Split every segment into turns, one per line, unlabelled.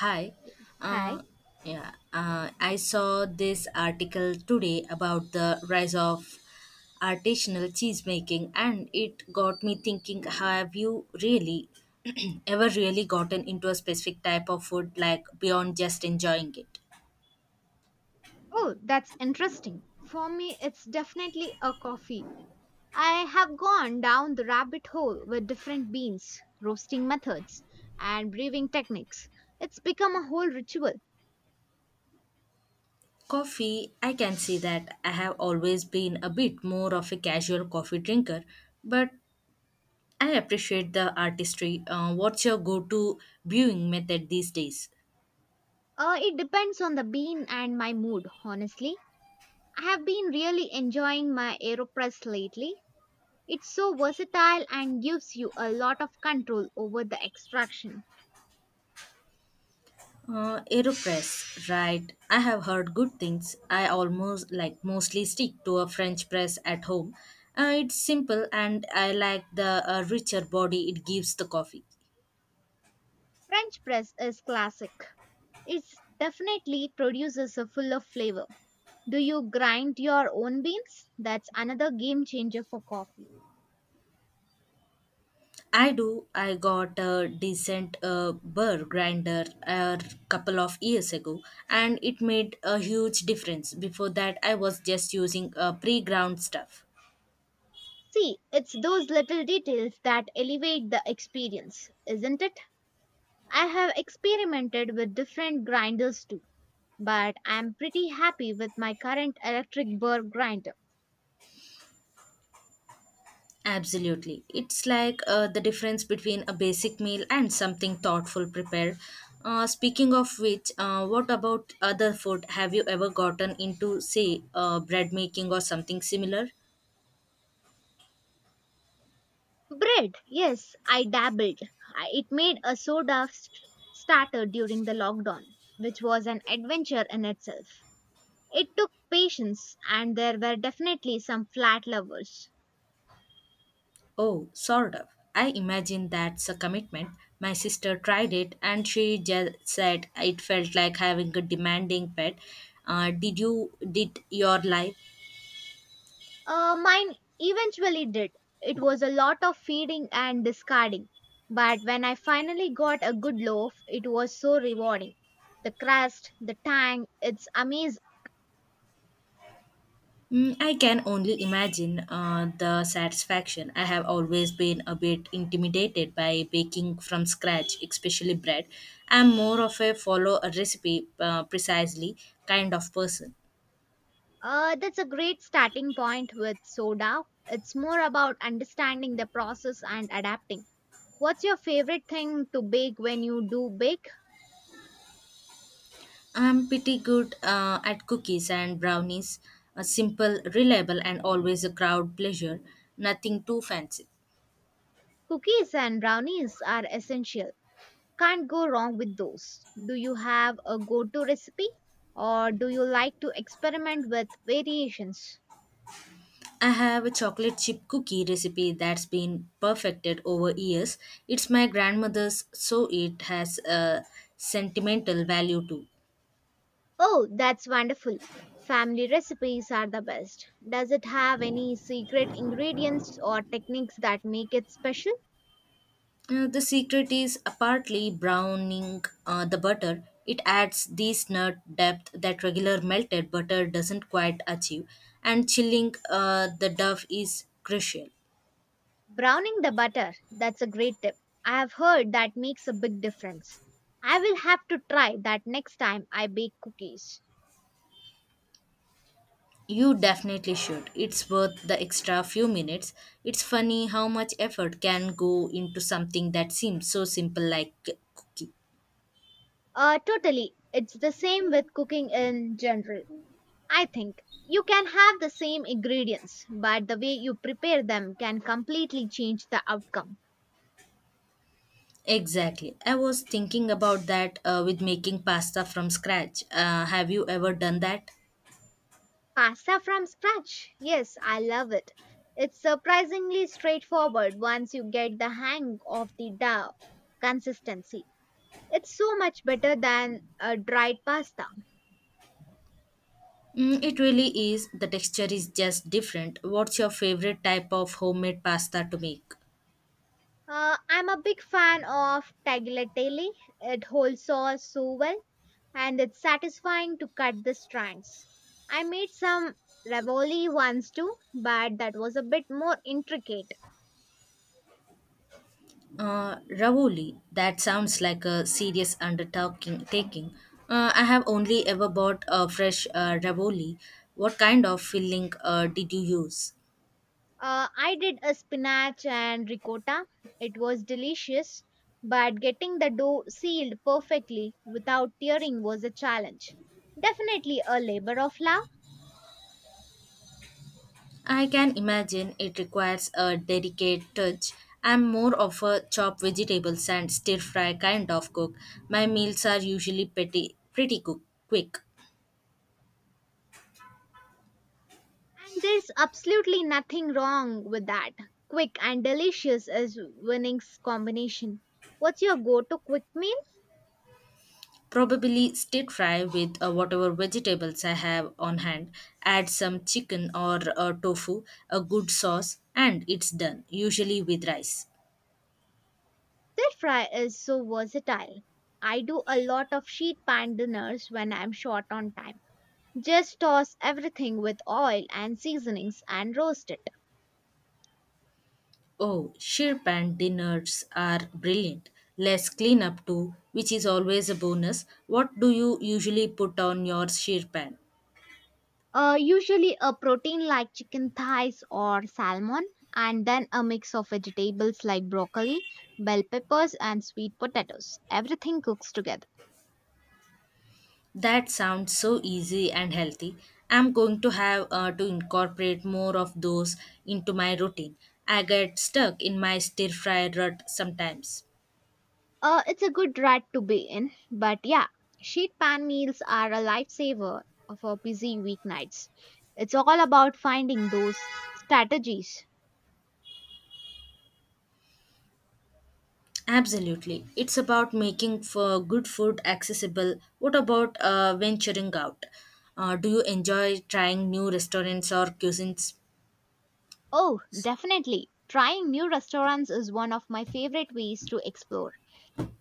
Hi.
Hi.
Uh, yeah, I saw this article today about the rise of artisanal cheese making, and it got me thinking have you really ever really gotten into a specific type of food like beyond just enjoying it?
Oh, that's interesting. For me, it's definitely a coffee. I have gone down the rabbit hole with different beans, roasting methods, and brewing techniques. It's become a whole ritual.
Coffee, I can see that. I have always been a bit more of a casual coffee drinker, but I appreciate the artistry. What's your go to brewing method these days?
It depends on the bean and my mood, honestly. I have been really enjoying my AeroPress lately. It's so versatile and gives you a lot of control over the extraction.
Aeropress, right. I have heard good things. I almost like mostly stick to a French press at home. It's simple and I like the richer body it gives the coffee.
French press is classic. It definitely produces a full of flavor. Do you grind your own beans? That's another game changer for coffee.
I do. I got a decent burr grinder a couple of years ago and it made a huge difference. Before that, I was just using pre ground stuff.
See, it's those little details that elevate the experience, isn't it? I have experimented with different grinders too, but I'm pretty happy with my current electric burr grinder.
Absolutely. It's like the difference between a basic meal and something thoughtful prepared. Speaking of which, what about other food? Have you ever gotten into, say, bread making or something similar?
Bread, yes, I dabbled. It made a soda starter during the lockdown, which was an adventure in itself. It took patience, and there were definitely some flat lovers.
Oh, sort of. I imagine that's a commitment. My sister tried it and she just said it felt like having a demanding pet. Did your life?
Mine eventually did. It was a lot of feeding and discarding. But when I finally got a good loaf, it was so rewarding. The crust, the tang, it's amazing.
Mm, I can only imagine the satisfaction. I have always been a bit intimidated by baking from scratch, especially bread. I'm more of a follow a recipe precisely kind of person.
That's a great starting point with soda. It's more about understanding the process and adapting. What's your favorite thing to bake when you do bake?
I'm pretty good at cookies and brownies, simple, reliable, and always a crowd pleasure. Nothing too fancy.
Cookies and brownies are essential. Can't go wrong with those. Do you have a go to recipe, or do you like to experiment with variations?
I have a chocolate chip cookie recipe that's been perfected over years. It's my grandmother's, so it has a sentimental value too.
Oh, that's wonderful. Family recipes are the best. Does it have any secret ingredients or techniques that make it special?
The secret is partly browning the butter. It adds this nut depth that regular melted butter doesn't quite achieve, and chilling the dough is crucial.
Browning the butter, that's a great tip. I have heard that makes a big difference. I will have to try that next time I bake cookies.
You definitely should. It's worth the extra few minutes. It's funny how much effort can go into something that seems so simple like cooking.
Totally. It's the same with cooking in general. I think you can have the same ingredients, but the way you prepare them can completely change the outcome.
Exactly. I was thinking about that with making pasta from scratch. Have you ever done that?
Pasta from scratch. Yes, I love it. It's surprisingly straightforward once you get the hang of the dough consistency. It's so much better than a dried pasta.
Mm, it really is. The texture is just different. What's your favorite type of homemade pasta to make?
I'm a big fan of tagliatelle. It holds sauce so well, and it's satisfying to cut the strands. I made some ravioli once too, but that was a bit more intricate.
Ravoli, that sounds like a serious undertaking. Taking. I have only ever bought a fresh Ravoli. What kind of filling did you use?
I did a spinach and ricotta. It was delicious, but getting the dough sealed perfectly without tearing was a challenge. Definitely a labor of love,
I can imagine it requires a delicate touch. I'm more of a chop vegetables and stir fry kind of cook. My meals are usually pretty quick.
and there's absolutely nothing wrong with that. Quick and delicious is winning's combination. What's your go to quick meal?
Probably stir fry with whatever vegetables I have on hand. Add some chicken or tofu, a good sauce, and it's done, usually with rice.
Their fry is so versatile. I do a lot of sheet pan dinners when I'm short on time. Just toss everything with oil and seasonings and roast it.
Oh, sheer pan dinners are brilliant. Less cleanup too, which is always a bonus. What do you usually put on your sheer pan?
Usually a protein like chicken thighs or salmon, and then a mix of vegetables like broccoli, bell peppers, and sweet potatoes. Everything cooks together.
That sounds so easy and healthy. I'm going to have to incorporate more of those into my routine. I get stuck in my stir fry rut sometimes.
It's a good rut to be in, but yeah, sheet pan meals are a lifesaver for busy weeknights. It's all about finding those strategies.
Absolutely. It's about making for good food accessible. What about venturing out? Do you enjoy trying new restaurants or cuisines?
Oh, definitely. Trying new restaurants is one of my favorite ways to explore.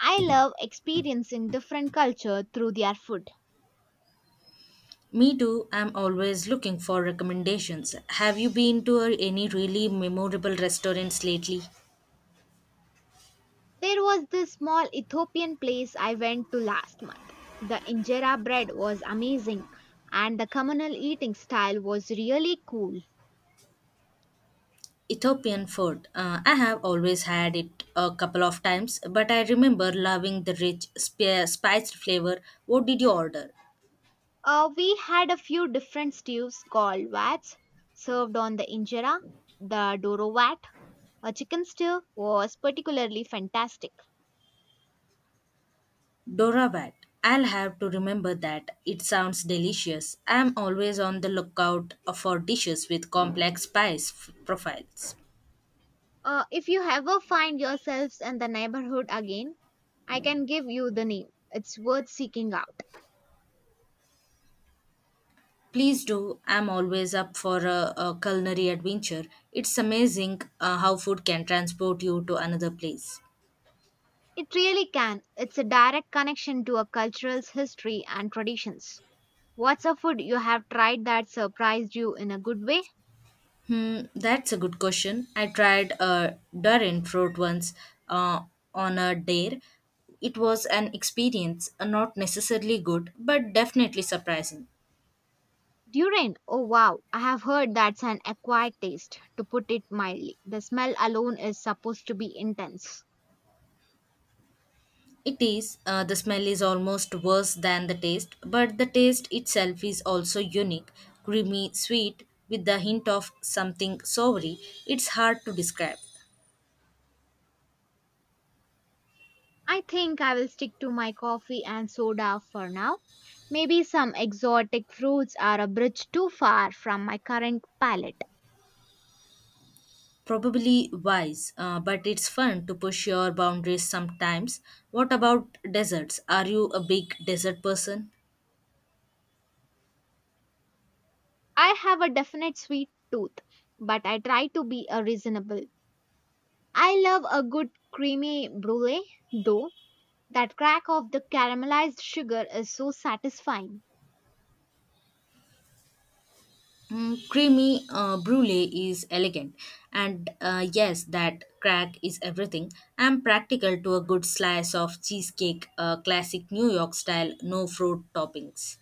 I love experiencing different culture through their food.
Me too. I'm always looking for recommendations. Have you been to any really memorable restaurants lately?
There was this small Ethiopian place I went to last month. The injera bread was amazing, and the communal eating style was really cool.
Ethiopian food. I have always had it a couple of times, but I remember loving the rich, spiced flavor. What did you order?
We had a few different stews called vats served on the injera. The doro vat, a chicken stew, was particularly fantastic.
Doravat. I'll have to remember that. It sounds delicious. I'm always on the lookout for dishes with complex spice profiles.
If you ever find yourselves in the neighborhood again, I can give you the name. It's worth seeking out.
Please do. I'm always up for a culinary adventure. It's amazing how food can transport you to another place.
It really can. It's a direct connection to a cultural history and traditions. What's a food you have tried that surprised you in a good way?
Hmm, that's a good question. I tried a durian fruit once uh, on a dare. It was an experience, not necessarily good, but definitely surprising.
Durian, oh wow, I have heard that's an acquired taste, to put it mildly. The smell alone is supposed to be intense.
It is. The smell is almost worse than the taste, but the taste itself is also unique, creamy, sweet, with the hint of something savory. It's hard to describe.
I think I will stick to my coffee and soda for now. Maybe some exotic fruits are a bridge too far from my current palate.
Probably wise, but it's fun to push your boundaries sometimes. What about desserts? Are you a big dessert person?
I have a definite sweet tooth, but I try to be a reasonable. I love a good creamy brulee, though. That crack of the caramelized sugar is so satisfying.
Mm, creamy brulee is elegant, and yes, that crack is everything. I'm practical to a good slice of cheesecake, classic New York style, no fruit toppings.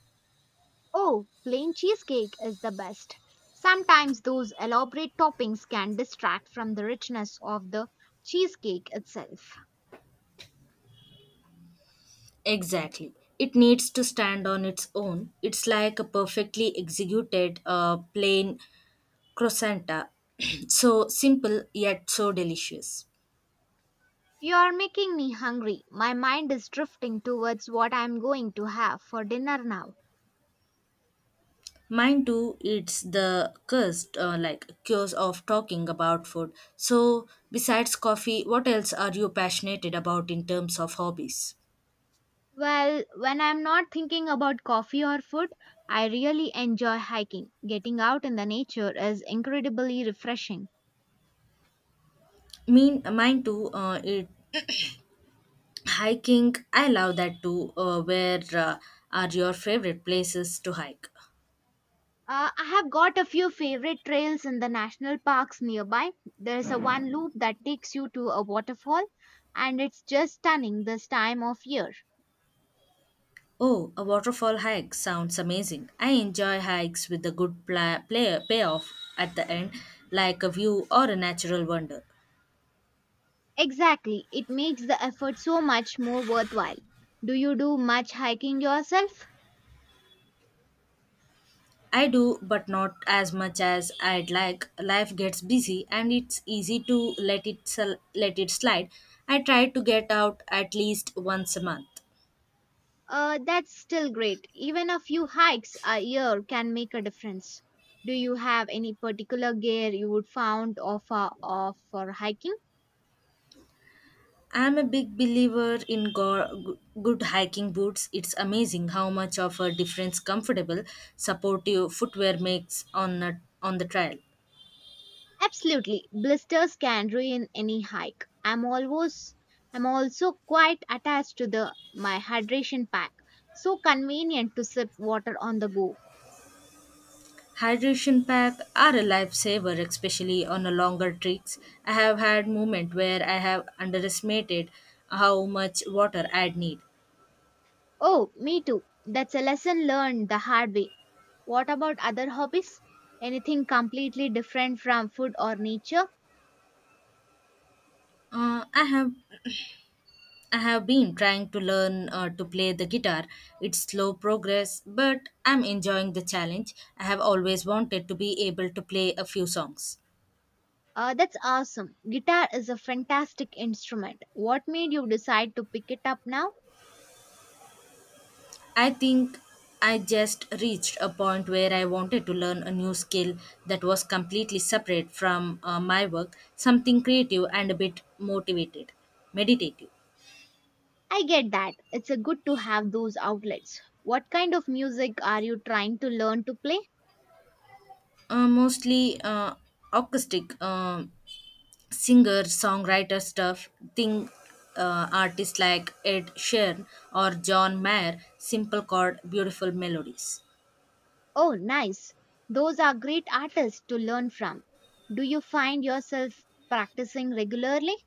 Oh, plain cheesecake is the best. Sometimes those elaborate toppings can distract from the richness of the cheesecake itself.
Exactly. It needs to stand on its own. It's like a perfectly executed plain croissant, so simple yet so delicious.
You are making me hungry. My mind is drifting towards what I am going to have for dinner now.
Mine too, it's the curse, curse of talking about food. So, besides coffee, what else are you passionate about in terms of hobbies?
Well, when I am not thinking about coffee or food, I really enjoy hiking. Getting out in the nature is incredibly refreshing.
Mean, mine too, hiking, I love that too. Where are your favorite places to hike?
I have got a few favorite trails in the national parks nearby. There's a one loop that takes you to a waterfall, and it's just stunning this time of year.
Oh, a waterfall hike sounds amazing. I enjoy hikes with a good payoff at the end, like a view or a natural wonder.
Exactly, it makes the effort so much more worthwhile. Do you do much hiking yourself?
I do, but not as much as I'd like. Life gets busy and it's easy to let it slide. I try to get out at least once a month.
That's still great. Even a few hikes a year can make a difference. Do you have any particular gear you would found offer of for hiking?
I'm a big believer in good hiking boots. It's amazing how much of a difference comfortable, supportive footwear makes on on the trail.
Absolutely. Blisters can ruin any hike. I'm also quite attached to the my hydration pack. So convenient to sip water on the go.
Hydration pack are a lifesaver, especially on a longer treks. I have had moment where I have underestimated how much water I'd need.
Oh, me too. That's a lesson learned the hard way. What about other hobbies? Anything completely different from food or nature?
Uh, I have I have been trying to learn to play the guitar. It's slow progress, but I'm enjoying the challenge. I have always wanted to be able to play a few songs.
That's awesome. Guitar is a fantastic instrument. What made you decide to pick it up now?
I think I just reached a point where I wanted to learn a new skill that was completely separate from my work, something creative and a bit motivated, meditative.
I get that. It's a good to have those outlets. What kind of music are you trying to learn to play?
Mostly acoustic. Singer songwriter stuff, think artists like Ed Sheeran or John Mayer, simple chord, beautiful melodies.
Oh, nice. Those are great artists to learn from. Do you find yourself practicing regularly?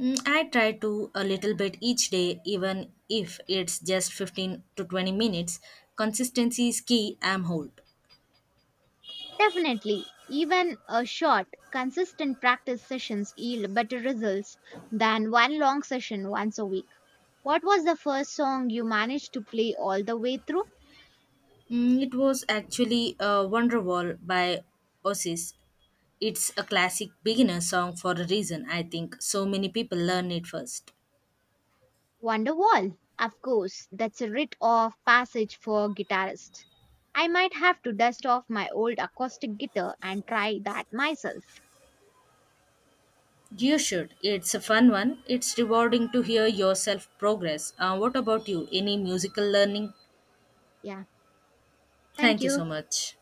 Mm, I try to a little bit each day, even if it's just 15 to 20 minutes. Consistency is key, I'm hold.
Definitely. Even a short, consistent practice sessions yield better results than one long session once a week. What was the first song you managed to play all the way through?
Mm, it was actually Wonderwall by Oasis. It's a classic beginner song for a reason. I think so many people learn it first.
Wonderwall. Of course, that's a rite of passage for guitarists. I might have to dust off my old acoustic guitar and try that myself.
You should. It's a fun one. It's rewarding to hear yourself progress. What about you? Any musical learning?
Yeah, thank
Thank you so
you.
much.